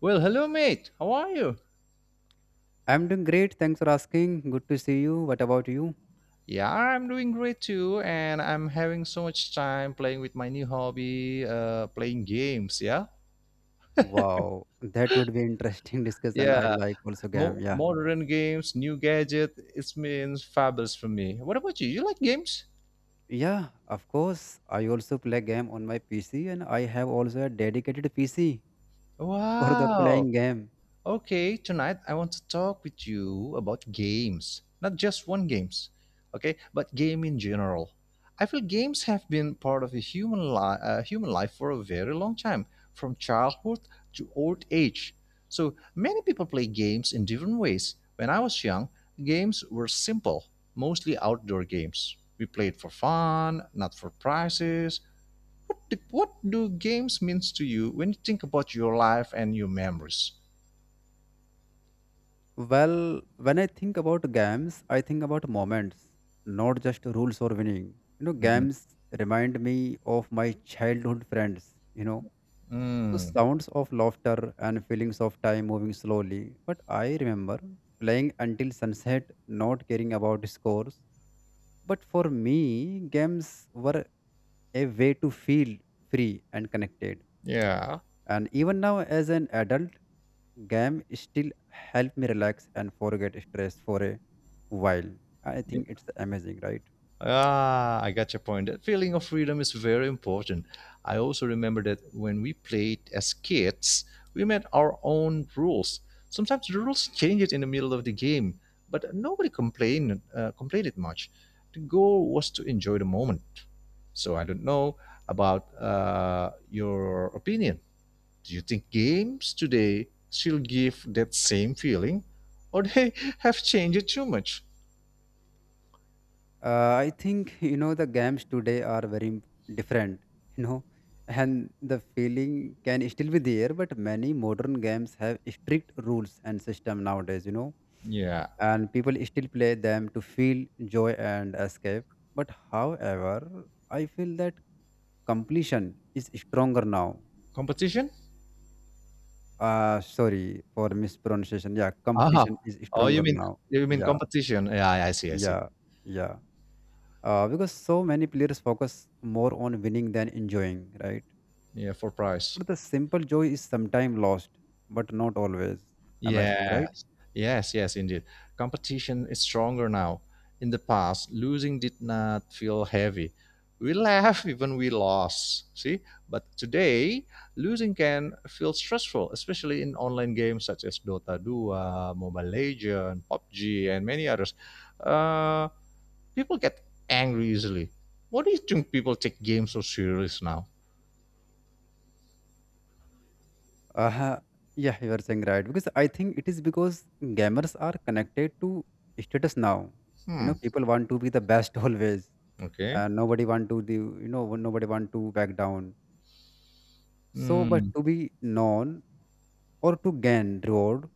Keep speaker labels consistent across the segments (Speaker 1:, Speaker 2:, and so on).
Speaker 1: Well, hello, mate. How are you?
Speaker 2: I'm doing great. Thanks for asking. Good to see you. What about you?
Speaker 1: Yeah, I'm doing great too, and I'm having so much time playing with my new hobby, playing games. Yeah,
Speaker 2: Wow, that would be interesting discussion. I
Speaker 1: yeah,
Speaker 2: like also game. Yeah.
Speaker 1: Modern games, new gadget. It means fabulous for me. What about you? You like games?
Speaker 2: Yeah, of course. I also play game on my PC and I have also a dedicated PC for the
Speaker 1: Wow.
Speaker 2: playing game.
Speaker 1: Okay, tonight I want to talk with you about games. Not just one games, okay, but game in general. I feel games have been part of a human life for a very long time, from childhood to old age. So many people play games in different ways. When I was young, games were simple, mostly outdoor games. We played for fun, not for prizes. What do games means to you when you think about your life and your memories?
Speaker 2: Well, when I think about games, I think about moments, not just rules or winning. You know,
Speaker 1: Mhm.
Speaker 2: games remind me of my childhood friends, so
Speaker 1: Mm,
Speaker 2: sounds of laughter and feelings of time moving slowly. But I remember playing until sunset, not caring about scores. But for me, games were a way to feel free and connected.
Speaker 1: yeah.
Speaker 2: And even now, as an adult, game still help me relax and forget stress for a while. I
Speaker 1: Yeah.
Speaker 2: think it's amazing, right?
Speaker 1: Ah, I got your point. That feeling of freedom is very important. I also remember that when we played as kids, we made our own rules. Sometimes the rules changed in the middle of the game, but nobody complained it much. The goal was to enjoy the moment. So I don't know about your opinion. Do you think games today still give that same feeling, or they have changed it too much?
Speaker 2: I think the games today are very different, you know, and the feeling can still be there. But many modern games have strict rules and system nowadays,
Speaker 1: Yeah.
Speaker 2: and people still play them to feel joy and escape. But however, I feel that completion is stronger now.
Speaker 1: Competition?
Speaker 2: Sorry for mispronunciation. Yeah,
Speaker 1: Ah,
Speaker 2: competition is
Speaker 1: oh, you
Speaker 2: stronger
Speaker 1: mean
Speaker 2: now.
Speaker 1: you mean
Speaker 2: Yeah,
Speaker 1: competition? Yeah, I see, I see.
Speaker 2: yeah, yeah. Because so many players focus more on winning than enjoying, right?
Speaker 1: Yeah, for price.
Speaker 2: But the simple joy is sometimes lost, but not always. Am I saying right?
Speaker 1: Yes, yes, yes, indeed. Competition is stronger now. In the past, losing did not feel heavy. We laugh even we lost, see? But today, losing can feel stressful, especially in online games such as Dota 2, Mobile Legends, PUBG, and many others. Uh, People get angry easily. What do you think people take games so serious now?
Speaker 2: Uh, yeah, you are saying right. Because I think it is because gamers are connected to status now. You
Speaker 1: Hmm.
Speaker 2: know, people want to be the best always.
Speaker 1: Okay.
Speaker 2: Nobody want to the nobody want to back down. So, but
Speaker 1: Hmm.
Speaker 2: to be known or to gain reward,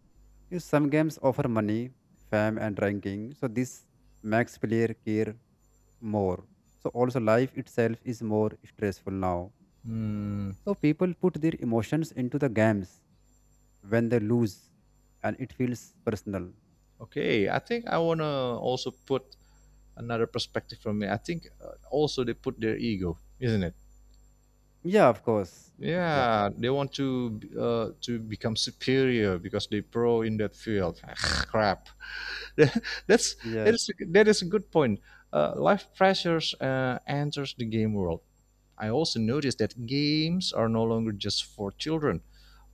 Speaker 2: you some games offer money, fame, and ranking. So this makes player care more. So also life itself is more stressful now.
Speaker 1: Hmm.
Speaker 2: So people put their emotions into the games when they lose and it feels personal.
Speaker 1: Okay. I think I wanna also put another perspective from me. I think also they put their ego, isn't it?
Speaker 2: Yeah, of course. Yeah.
Speaker 1: Yeah, they want to become superior because they pro in that field. Crap. that's that is
Speaker 2: Yes.
Speaker 1: that is a good point. Life pressures enters the game world. I also noticed that games are no longer just for children.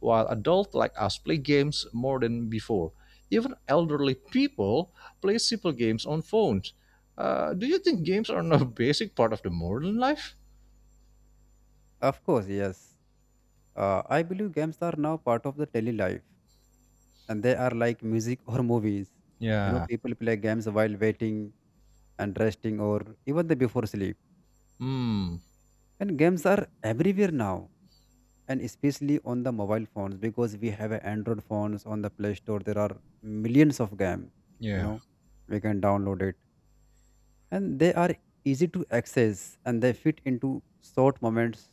Speaker 1: While adults like us play games more than before, even elderly people play simple games on phones. Do you think games are now a basic part of the modern life?
Speaker 2: Of course, yes. I believe games are now part of the daily life and they are like music or movies. You know,
Speaker 1: Yeah.
Speaker 2: people play games while waiting and resting or even the before sleep,
Speaker 1: Hmm.
Speaker 2: and games are everywhere now, and especially on the mobile phones, because we have a android phones on the play store there are millions of games. you
Speaker 1: Yeah.
Speaker 2: know we can download it, and they are easy to access and they fit into short moments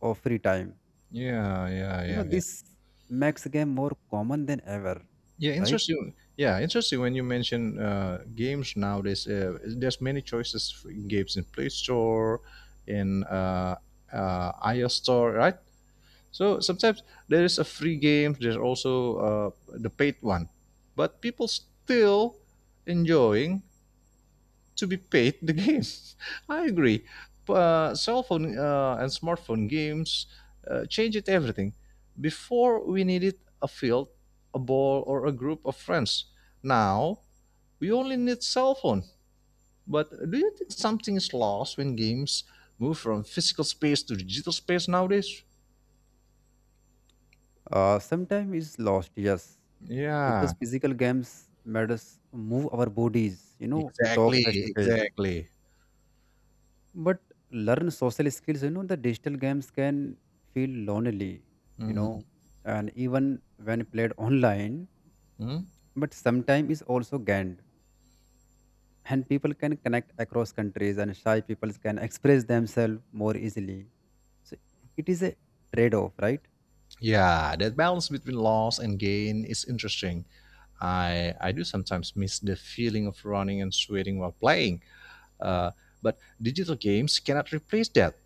Speaker 2: of free time.
Speaker 1: Yeah. Yeah. Yeah.
Speaker 2: This makes game more common than ever,
Speaker 1: Yeah,
Speaker 2: right?
Speaker 1: interesting. Yeah, interesting when you mention games nowadays. There's many choices for games in Play Store, in iOS Store, right? So sometimes there is a free game. There's also the paid one, but people still enjoying to be paid the game. I agree. Cell phone and smartphone games change it everything. Before we needed a field, a ball, or a group of friends. Now we only need cell phone. But do you think something is lost when games move from physical space to digital space nowadays?
Speaker 2: Sometimes is lost, yes,
Speaker 1: Yeah,
Speaker 2: because physical games made us move our bodies, talk
Speaker 1: exactly,
Speaker 2: face to face.
Speaker 1: exactly.
Speaker 2: But learn social skills, you know, the digital games can feel lonely, you
Speaker 1: Mhm.
Speaker 2: know, and even when played online, but sometimes is also gained. And people can connect across countries and shy people can express themselves more easily. So it is a trade-off, right?
Speaker 1: Yeah, that balance between loss and gain is interesting. I do sometimes miss the feeling of running and sweating while playing. Uh, but digital games cannot replace that.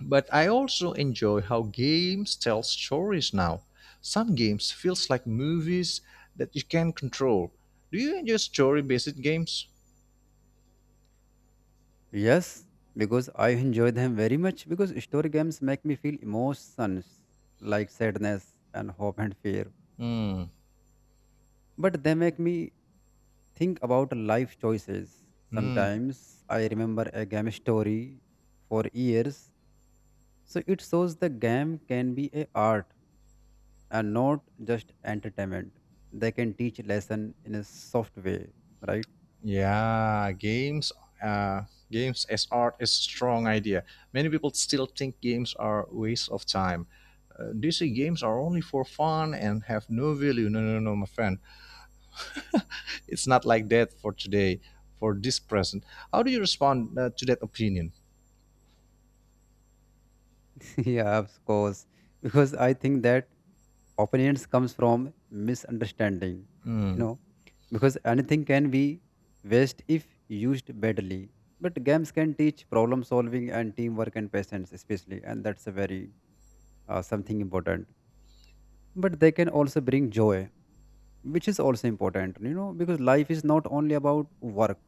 Speaker 1: But I also enjoy how games tell stories now. Some games feels like movies that you can control. Do you enjoy story-based games?
Speaker 2: Yes, because I enjoy them very much because story games make me feel emotions like sadness and hope and fear.
Speaker 1: Hmm.
Speaker 2: But they make me think about life choices.
Speaker 1: Hmm.
Speaker 2: Sometimes I remember a game story for years, so it shows the game can be a art and not just entertainment. They can teach lesson in a soft way, right?
Speaker 1: Yeah, uh, games as art is a strong idea. Many people still think games are waste of time. They say games are only for fun and have no value. No, no, no, no, my friend. It's not like that for today, for this present. How do you respond to that opinion?
Speaker 2: Yeah, of course. Because I think that opinions comes from misunderstanding, you
Speaker 1: Hmm.
Speaker 2: know because anything can be waste if used badly, but games can teach problem solving and teamwork and patience especially, and that's a very something important, but they can also bring joy, which is also important, because life is not only about work.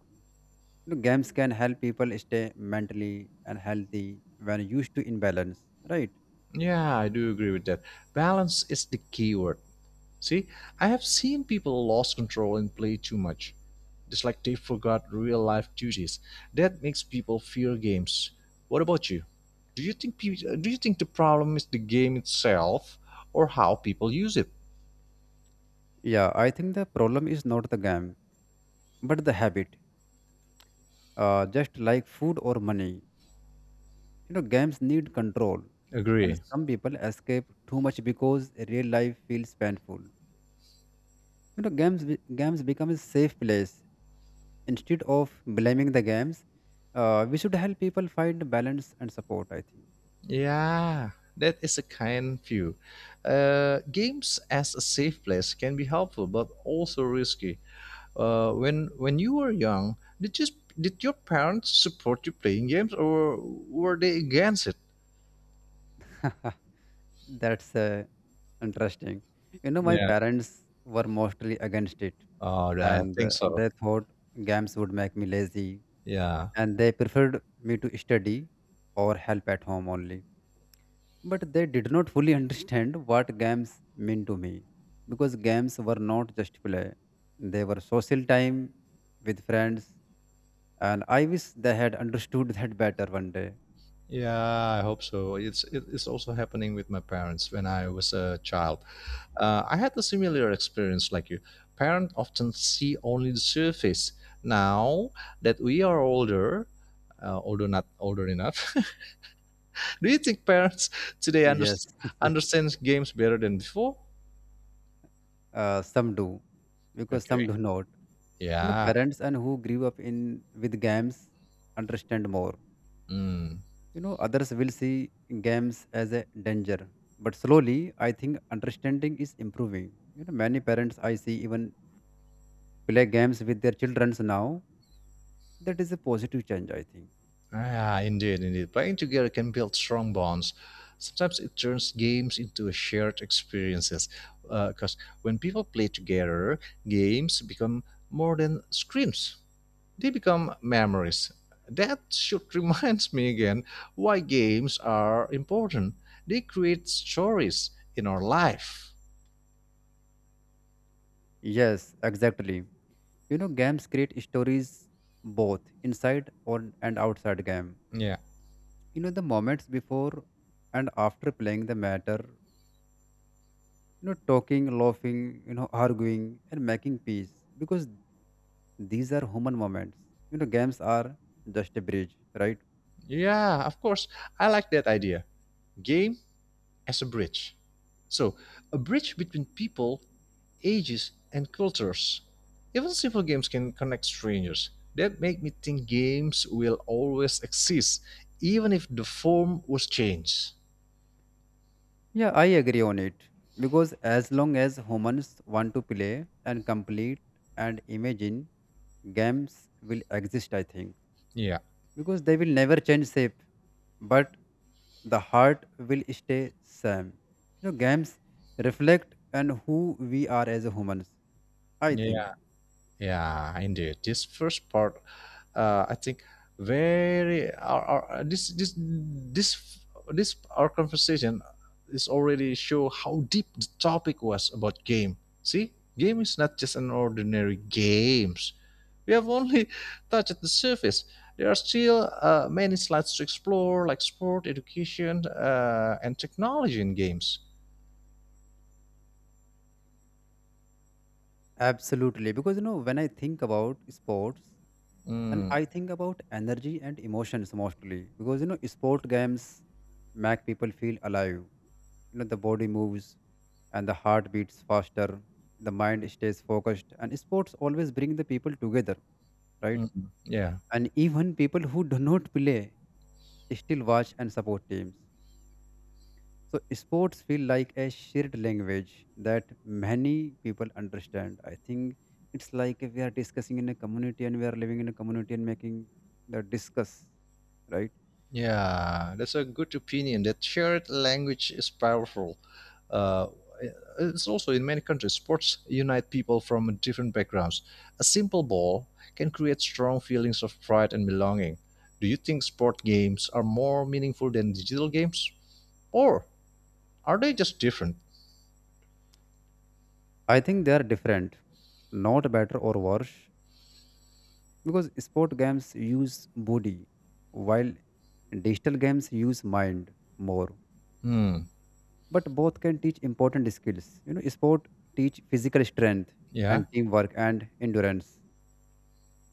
Speaker 2: Games can help people stay mentally and healthy when used to imbalance, right?
Speaker 1: Yeah, I do agree with that. Balance is the key word. See, I have seen people lost control and play too much. It's like they forgot real life duties. That makes people fear games. What about you? Do you think the problem is the game itself or how people use it?
Speaker 2: Yeah, I think the problem is not the game but the habit, just like food or money. You know, games need control, and
Speaker 1: Agree.
Speaker 2: some people escape too much because real life feels painful. You know, games become a safe place. Instead of blaming the games, we should help people find balance and support, I think.
Speaker 1: Yeah, that is a kind view. Games as a safe place can be helpful, but also risky. When you were young, did your parents support you playing games, or were they against it?
Speaker 2: That's interesting. You know, my
Speaker 1: Yeah.
Speaker 2: parents were mostly against it,
Speaker 1: Oh, I
Speaker 2: and
Speaker 1: think so.
Speaker 2: they thought games would make me lazy,
Speaker 1: Yeah.
Speaker 2: and they preferred me to study or help at home only. But they did not fully understand what games mean to me, because games were not just play, they were social time with friends, and I wish they had understood that better one day.
Speaker 1: Yeah, I hope so. It's also happening with my parents when I was a child. I had a similar experience like you. Parents often see only the surface. Now that we are older, although not older enough, do you think parents today under,
Speaker 2: Yes,
Speaker 1: understand games better than before?
Speaker 2: some do because
Speaker 1: Okay.
Speaker 2: some do not. You know,
Speaker 1: Yeah.
Speaker 2: parents and who grew up in with games understand more.
Speaker 1: Mm.
Speaker 2: You know, others will see games as a danger, but slowly I think understanding is improving. You know, many parents I see even play games with their childrens now. That is a positive change, I think.
Speaker 1: Ah, indeed, indeed. Playing together can build strong bonds. Sometimes it turns games into a shared experiences. Because when people play together, games become more than screens. They become memories. That should reminds me again why games are important. They create stories in our life.
Speaker 2: Yes, exactly. You know, games create stories both inside or and outside game.
Speaker 1: Yeah,
Speaker 2: You know, the moments before and after playing the matter, you know, talking, laughing, you know, arguing and making peace, because these are human moments. You know, games are just a bridge, right?
Speaker 1: yeah, of course. I like that idea. Games as a bridge. So, a bridge between people, ages, and cultures. Even simple games can connect strangers. That make me think games will always exist, even if the form was changed.
Speaker 2: Yeah, I agree on it, because as long as humans want to play and complete and imagine, games will exist, I think,
Speaker 1: Yeah.
Speaker 2: because they will never change shape, but the heart will stay same. You know, games reflect and who we are as humans, I think.
Speaker 1: Yeah. Yeah, indeed. This first part, I think, very our this our conversation is already show how deep the topic was about game. See, game is not just an ordinary games. We have only touched the surface. There are still many slides to explore, like sport, education, and technology in games.
Speaker 2: Absolutely, because when I think about sports and
Speaker 1: Mm,
Speaker 2: I think about energy and emotions, mostly because sport games make people feel alive. You know, the body moves and the heart beats faster, the mind stays focused, and sports always bring the people together, right?
Speaker 1: mm, mm. Yeah.
Speaker 2: And even people who do not play still watch and support teams. So sports feel like a shared language that many people understand, I think. It's like if we are discussing in a community and we are living in a community and making the discuss, right?
Speaker 1: Yeah, that's a good opinion. That shared language is powerful. Uh, it's also in many countries, sports unite people from different backgrounds. A simple ball can create strong feelings of pride and belonging. Do you think sport games are more meaningful than digital games, or are they just different?
Speaker 2: I think they are different, not better or worse, because sport games use body, while digital games use mind more.
Speaker 1: Hmm.
Speaker 2: But both can teach important skills. Sport teach physical strength
Speaker 1: Yeah.
Speaker 2: and teamwork and endurance,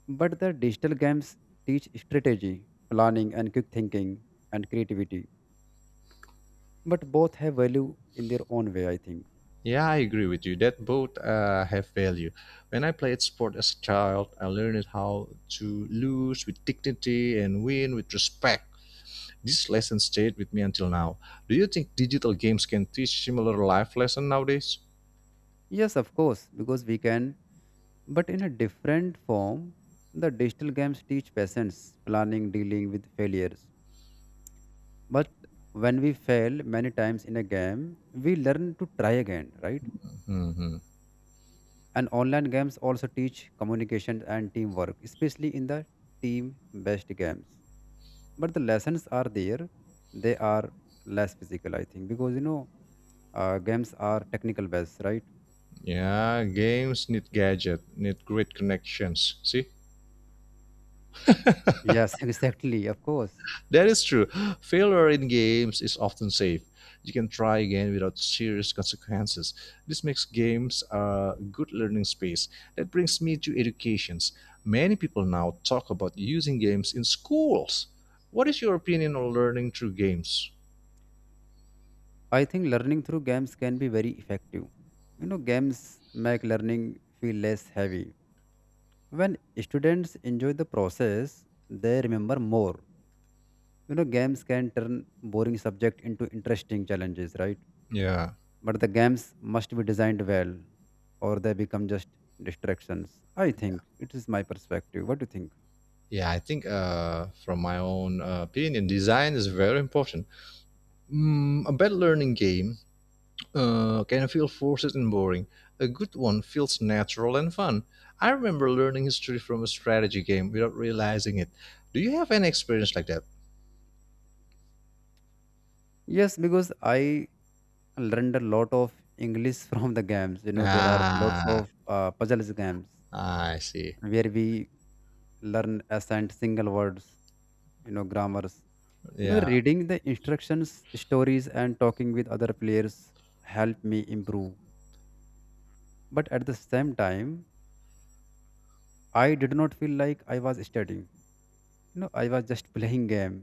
Speaker 2: but the digital games teach strategy, planning and quick thinking and creativity. But both have value in their own way, I think.
Speaker 1: Yeah, I agree with you. That both have value. When I played sport as a child, I learned how to lose with dignity and win with respect. This lesson stayed with me until now. Do you think digital games can teach similar life lesson nowadays?
Speaker 2: Yes, of course, because we can, but in a different form. The digital games teach patience, planning, dealing with failures. But when we fail many times in a game, we learn to try again, right?
Speaker 1: Hmm.
Speaker 2: And online games also teach communication and teamwork, especially in the team based games. But the lessons are there, they are less physical, I think, because games are technical based, right?
Speaker 1: Yeah, games need gadget, need great connections. See,
Speaker 2: Yes, exactly, of course.
Speaker 1: that is true. Failure in games is often safe. You can try again without serious consequences. This makes games a good learning space. That brings me to educations. Many people now talk about using games in schools. What is your opinion on learning through games?
Speaker 2: I think learning through games can be very effective. You know, games make learning feel less heavy. When students enjoy the process, they remember more. You know, games can turn boring subject into interesting challenges, right?
Speaker 1: Yeah,
Speaker 2: But the games must be designed well or they become just distractions. I think it is my perspective. What do you think?
Speaker 1: yeah, I think from my own opinion, design is very important. A bad learning game can feel forced and boring. A good one feels natural and fun. I remember learning history from a strategy game without realizing it. Do you have any experience like that?
Speaker 2: Yes, because I learned a lot of english from the games. There are lots of
Speaker 1: Ah,
Speaker 2: puzzles games
Speaker 1: I see.
Speaker 2: where we learn ascent single words, grammars,
Speaker 1: Yeah,
Speaker 2: the reading the instructions, stories and talking with other players helped me improve. But at the same time, I did not feel like I was studying. I was just playing game.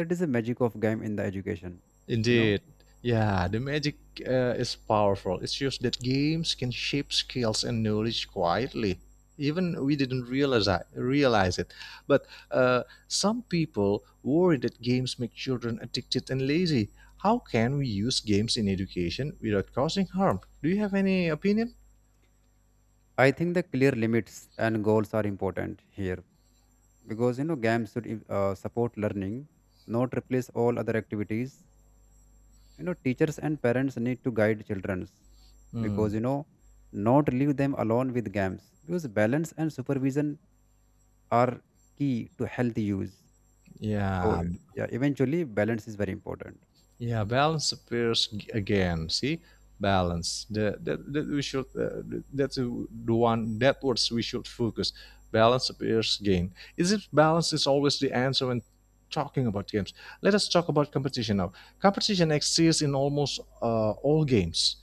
Speaker 2: That is the magic of game in the education, you know.
Speaker 1: indeed. Yeah, the magic is powerful. It shows that games can shape skills and knowledge quietly. Even we didn't realize it. But some people worry that games make children addicted and lazy. How can we use games in education without causing harm? Do you have any opinion?
Speaker 2: I think the clear limits and goals are important here, because games should support learning, not replace all other activities. Teachers and parents need to guide childrens, because
Speaker 1: Hmm.
Speaker 2: not leave them alone with games, because balance and supervision are key to healthy use. So
Speaker 1: Yeah,
Speaker 2: yeah, eventually balance is very important.
Speaker 1: yeah, balance appears again. See, balance. The, that that we should. That's the one. That words we should focus. Balance appears again. Is it balance is always the answer when talking about games? Let us talk about competition now. Competition exists in almost all games.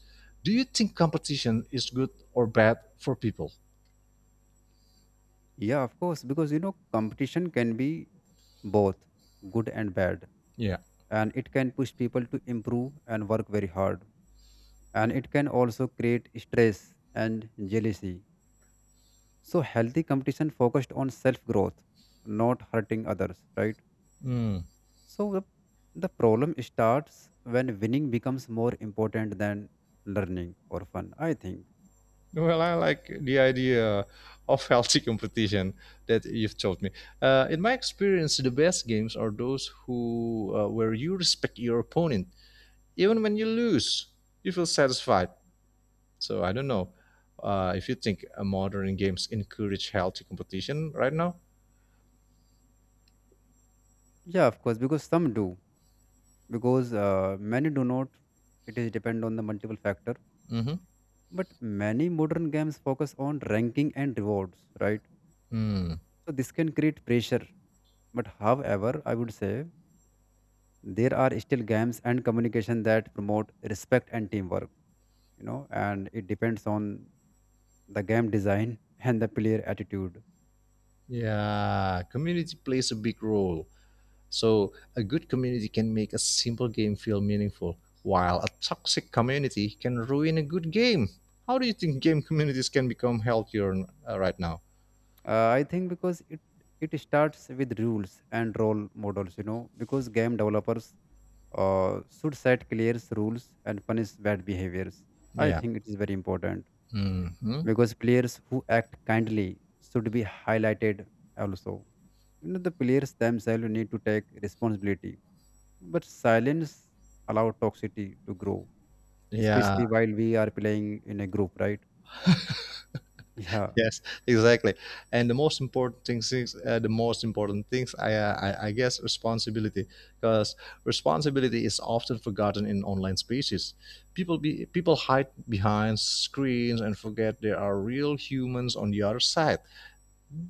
Speaker 1: Do you think competition is good or bad for people?
Speaker 2: Yeah, of course, because competition can be both good and bad,
Speaker 1: Yeah.
Speaker 2: and it can push people to improve and work very hard, and it can also create stress and jealousy. So, healthy competition focused on self growth, not hurting others, right?
Speaker 1: Hmm.
Speaker 2: So, the problem starts when winning becomes more important than learning or fun, I think.
Speaker 1: Well, I like the idea of healthy competition that you've told me. In my experience, the best games are those who where you respect your opponent, even when you lose, you feel satisfied. So I don't know if you think modern games encourage healthy competition right now.
Speaker 2: Yeah, of course, because some do, because many do not. It is depend on the multiple factor.
Speaker 1: Mm-hmm.
Speaker 2: But many modern games focus on ranking and rewards, right?
Speaker 1: Hmm.
Speaker 2: So this can create pressure. But however, I would say there are still games and communication that promote respect and teamwork, and it depends on the game design and the player attitude.
Speaker 1: Yeah, community plays a big role. So, a good community can make a simple game feel meaningful, while a toxic community can ruin a good game. How do you think game communities can become healthier right now?
Speaker 2: I think because it starts with rules and role models, because game developers should set clear rules and punish bad behaviors. I
Speaker 1: Yeah.
Speaker 2: think it is very important,
Speaker 1: Hmm.
Speaker 2: because players who act kindly should be highlighted also. You know, the players themselves need to take responsibility, but silence allow toxicity to grow,
Speaker 1: Yeah.
Speaker 2: especially while we are playing in a group, right? Yeah.
Speaker 1: Yes. Exactly. And the most important things, I guess, responsibility, because responsibility is often forgotten in online spaces. People hide behind screens and forget there are real humans on the other side.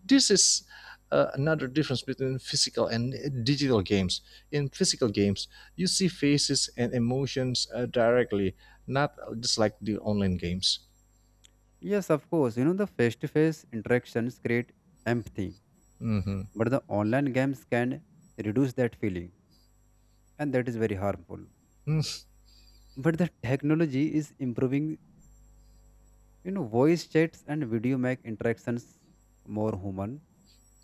Speaker 1: This is another difference between physical and digital games. In physical games, you see faces and emotions directly, not just like the online games.
Speaker 2: Yes, of course. You know, the face to face interactions create empathy,
Speaker 1: Hmm.
Speaker 2: but the online games can reduce that feeling, and that is very harmful. But the technology is improving, you know, voice chats and video make interactions more human.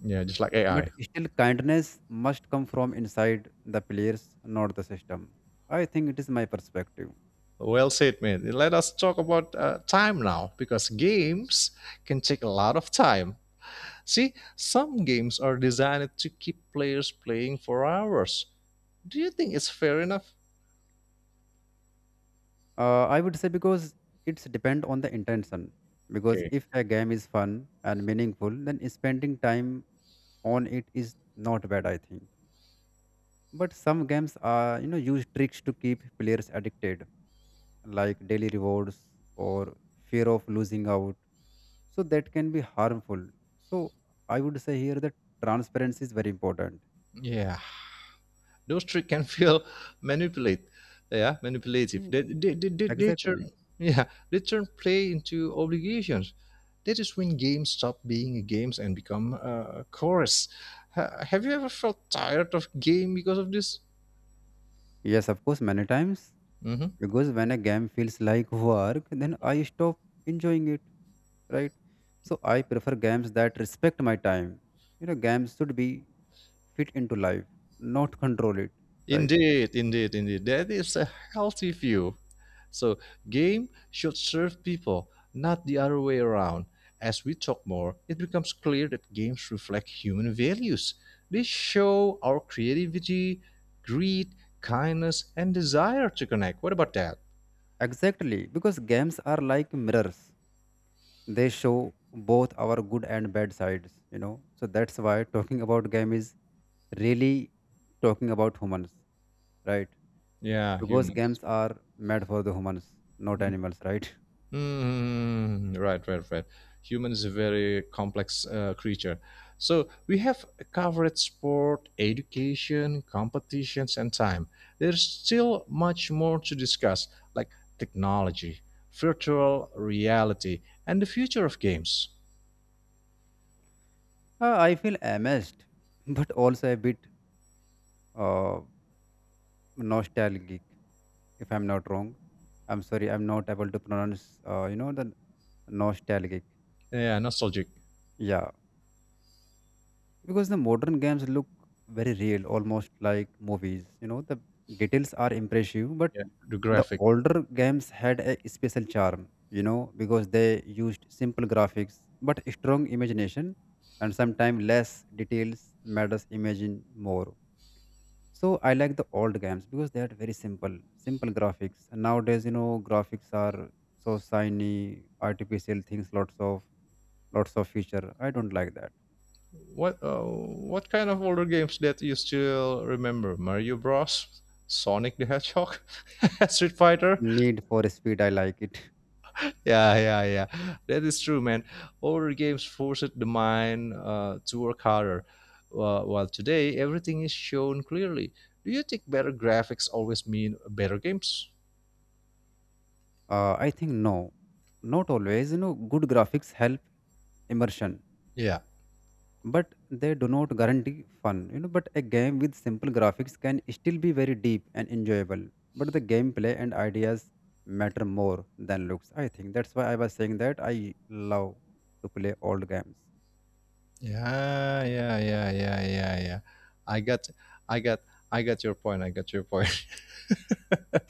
Speaker 1: Yeah, just like
Speaker 2: But
Speaker 1: AI.
Speaker 2: still, kindness must come from inside the players, not the system. I think it is my perspective.
Speaker 1: Well said, mate. Let us talk about time now because games can take a lot of time. See, some games are designed to keep players playing for hours. Do you think it's fair enough?
Speaker 2: I would say because it's depend on the intention. Because
Speaker 1: Okay.
Speaker 2: if a game is fun and meaningful, then spending time on it is not bad, I think. But some games are, you know, use tricks to keep players addicted, like daily rewards or fear of losing out. So that can be harmful. So I would say here that transparency is very important.
Speaker 1: Yeah. Those tricks can feel manipulate, yeah, manipulative. They
Speaker 2: Exactly.
Speaker 1: turn, yeah, they turn play into obligations. That is when games stop being games and become a chorus. Have you ever felt tired of game because of this?
Speaker 2: Yes, of course, many times.
Speaker 1: Hmm.
Speaker 2: Because when a game feels like work, then I stop enjoying it, right? So I prefer games that respect my time. You know, games should be fit into life, not control it, right?
Speaker 1: Indeed, indeed, indeed. That is a healthy view. So, game should serve people, not the other way around. As we talk more, it becomes clear that games reflect human values. They show our creativity, greed, kindness, and desire to connect. What about that?
Speaker 2: Exactly. Because games are like mirrors, they show both our good and bad sides, you know. So that's why talking about game is really talking about humans, right?
Speaker 1: Yeah,
Speaker 2: Because
Speaker 1: humans.
Speaker 2: games are made for the humans, not animals, right?
Speaker 1: Right, right, right. Human is a very complex creature. So we have covered sport, education, competitions, and time. There's still much more to discuss, like technology, virtual reality, and the future of games.
Speaker 2: I feel amazed, but also a bit uh, nostalgic, if I'm not wrong. I'm sorry, I'm not able to pronounce, you know, the nostalgic.
Speaker 1: Yeah, nostalgic.
Speaker 2: Yeah, because the modern games look very real, almost like movies. You know, the details are impressive, but
Speaker 1: Yeah, the
Speaker 2: the
Speaker 1: graphic.
Speaker 2: older games had a special charm, you know, because they used simple graphics, but strong imagination, and sometimes less details made us imagine more. So I like the old games because they are very simple, simple graphics. And nowadays, you know, graphics are so shiny, artificial things, lots of feature. I don't like that.
Speaker 1: What kind of older games that you still remember? Mario Bros, Sonic the Hedgehog, Street Fighter.
Speaker 2: Need for Speed, I like it.
Speaker 1: Yeah, yeah, yeah. That is true, man. Older games forced the mind to work harder, while today everything is shown clearly. Do you think better graphics always mean better games?
Speaker 2: I think no, not always. You know, good graphics help immersion,
Speaker 1: Yeah,
Speaker 2: but they do not guarantee fun, you know, but a game with simple graphics can still be very deep and enjoyable, but the gameplay and ideas matter more than looks. I think that's why I was saying that I love to play old games.
Speaker 1: yeah, yeah, yeah, yeah, yeah, yeah. I got, I got, I got your point. I got your point.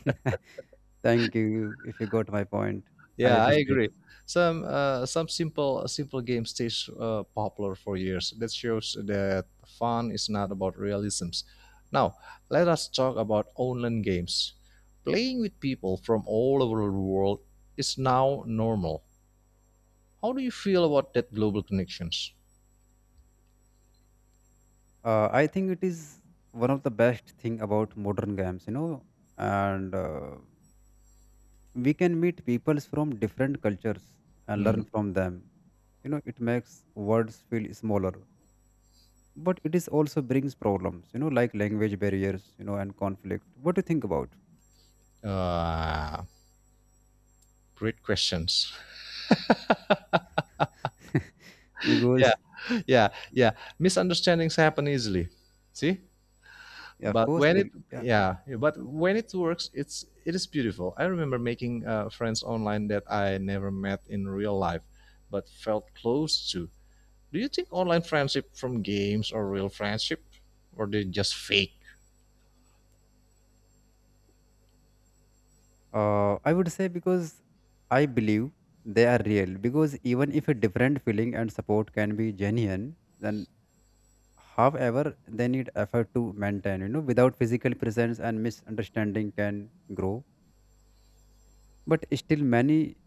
Speaker 2: Thank you if you got my point, I
Speaker 1: Yeah, I
Speaker 2: appreciate.
Speaker 1: agree. Some simple games stays popular for years. That shows that fun is not about realisms. Now, let us talk about online games. Playing with people from all over the world is now normal. How do you feel about that global connections?
Speaker 2: I think it is one of the best thing about modern games, you know, and we can meet peoples from different cultures and
Speaker 1: Mm,
Speaker 2: learn from them. You know, it makes words feel smaller, but it is also brings problems, you know, like language barriers, you know, and conflict. What do you think about?
Speaker 1: uh, Great questions. Yeah,
Speaker 2: Because
Speaker 1: yeah, yeah. Misunderstandings happen easily. See?
Speaker 2: yeah, of
Speaker 1: But
Speaker 2: course
Speaker 1: when it
Speaker 2: we'll, yeah.
Speaker 1: Yeah, yeah, but when it works, it is beautiful. I remember making friends online that I never met in real life, but felt close to. Do you think online friendship from games or real friendship, or they just fake?
Speaker 2: I would say because I believe they are real because even if a different feeling and support can be genuine, then however they need effort to maintain, you know, without physical presence and misunderstanding can grow, but still many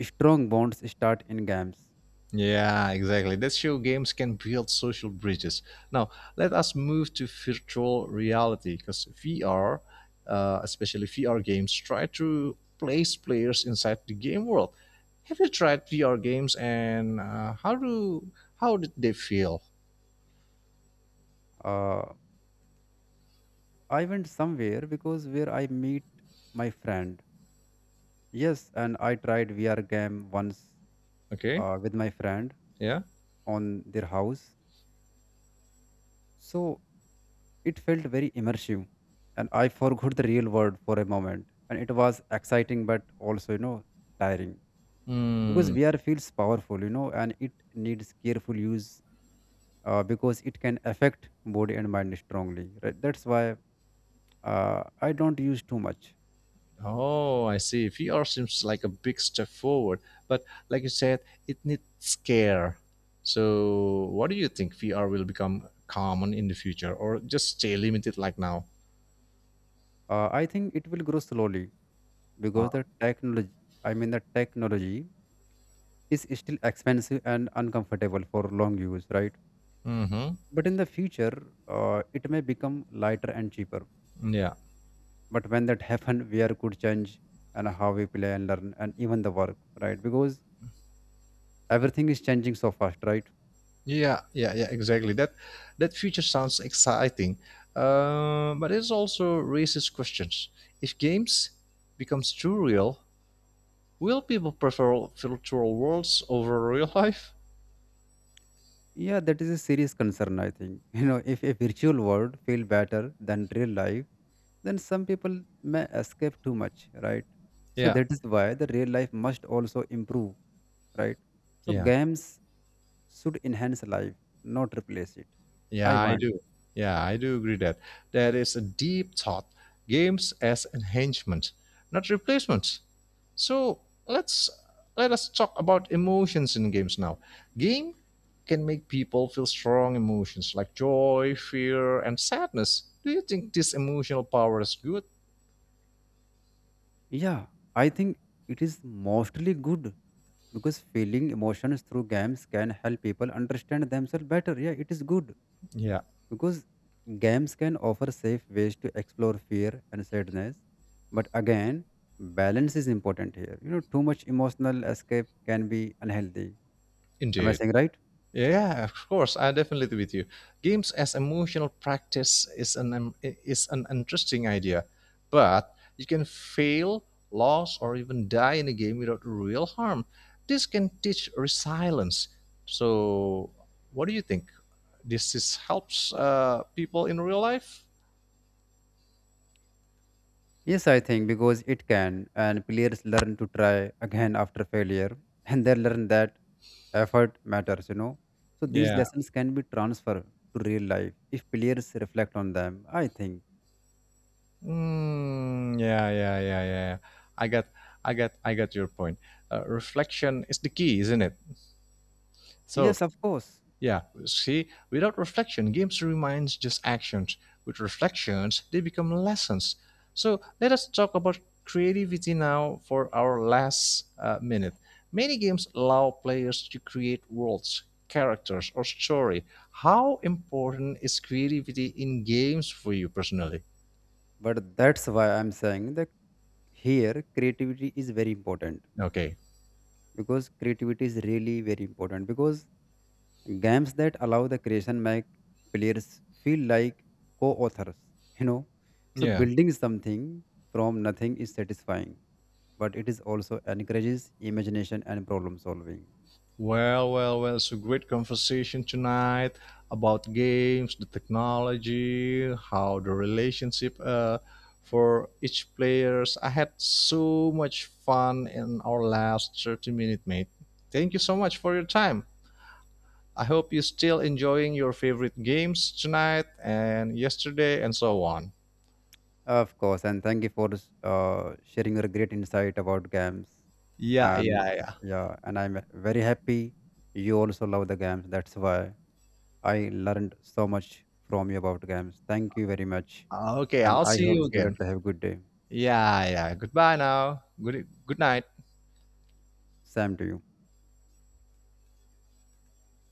Speaker 2: strong bonds start in games.
Speaker 1: Yeah, exactly. That's how games can build social bridges. Now, let us move to virtual reality because VR, especially VR games, try to place players inside the game world. Have you tried VR games and how did they feel?
Speaker 2: uh, I went somewhere because where I meet my friend. Yes, and I tried VR game once
Speaker 1: Okay,
Speaker 2: with my friend
Speaker 1: yeah.
Speaker 2: on their house. So it felt very immersive, and I forgot the real world for a moment. And it was exciting, but also, you know, tiring because
Speaker 1: Hmm.
Speaker 2: VR feels powerful, you know, and it needs careful use, because it can affect body and mind strongly. Right? That's why I don't use too much.
Speaker 1: Oh, I see. VR seems like a big step forward, but like you said, it needs care. So, what do you think, VR will become common in the future, or just stay limited like now?
Speaker 2: I think it will grow slowly
Speaker 1: Uh,
Speaker 2: because the technology is still expensive and uncomfortable for long use, right?
Speaker 1: mm-hmm.
Speaker 2: But in the future, it may become lighter and cheaper.
Speaker 1: Yeah.
Speaker 2: But when that happen, wear could change and how we play and learn and even the work, right? Because everything is changing so fast, right?
Speaker 1: Yeah, yeah, yeah, exactly. That future sounds exciting, but it also raises questions. If games becomes too real, will people prefer virtual worlds over real life?
Speaker 2: Yeah, that is a serious concern, I think. You know, if a virtual world feel better than real life, then some people may escape too much, right? So
Speaker 1: Yeah,
Speaker 2: that is why the real life must also improve, right? So
Speaker 1: yeah.
Speaker 2: games should enhance life, not replace it. I
Speaker 1: Yeah, I
Speaker 2: want.
Speaker 1: do. Yeah, I do agree that there is a deep thought, games as enhancement, not replacements. So let's let us talk about emotions in games now. Game can make people feel strong emotions like joy, fear, and sadness. Do you think this emotional power is good?
Speaker 2: Yeah, I think it is mostly good because feeling emotions through games can help people understand themselves better. Yeah, it is good
Speaker 1: Yeah,
Speaker 2: because games can offer safe ways to explore fear and sadness. But again, balance is important here. You know, too much emotional escape can be unhealthy. Am I
Speaker 1: indeed.
Speaker 2: saying right?
Speaker 1: Yeah, of course, I definitely with you. Games as emotional practice is an interesting idea, but you can fail, lose, or even die in a game without real harm. This can teach resilience. So, what do you think? This is helps people in real life.
Speaker 2: Yes, I think because it can, and players learn to try again after failure, and they learn that effort matters, you know, so these
Speaker 1: Yeah.
Speaker 2: lessons can be transferred to real life if players reflect on them, I think.
Speaker 1: Yeah, yeah, yeah, yeah. I got, I got your point. Reflection is the key, isn't it? So
Speaker 2: Yes, of course.
Speaker 1: yeah, see, without reflection, games remain just actions. With reflections, they become lessons. So let us talk about creativity now for our last minute. Many games allow players to create worlds, characters, or story. How important is creativity in games for you personally?
Speaker 2: But that's why I'm saying that here creativity is very important
Speaker 1: Okay.
Speaker 2: because creativity is really very important because games that allow the creation make players feel like co-authors, you know, so
Speaker 1: Yeah.
Speaker 2: building something from nothing is satisfying, but it is also encourages imagination and problem solving.
Speaker 1: Well, well, well, it's a great conversation tonight about games, the technology, how the relationship for each players. I had so much fun in our last 30-minute mate. Thank you so much for your time. I hope you're still enjoying your favorite games tonight and yesterday and so on.
Speaker 2: Of course, and thank you for sharing your great insight about games.
Speaker 1: Yeah,
Speaker 2: And
Speaker 1: yeah, yeah.
Speaker 2: yeah, and I'm very happy you also love the games. That's why I learned so much from you about games. Thank you very much,
Speaker 1: Okay,
Speaker 2: and
Speaker 1: I'll
Speaker 2: I
Speaker 1: see
Speaker 2: hope
Speaker 1: you
Speaker 2: you
Speaker 1: again.
Speaker 2: later have a good day.
Speaker 1: Yeah, yeah. Goodbye now. Good night.
Speaker 2: Same to you.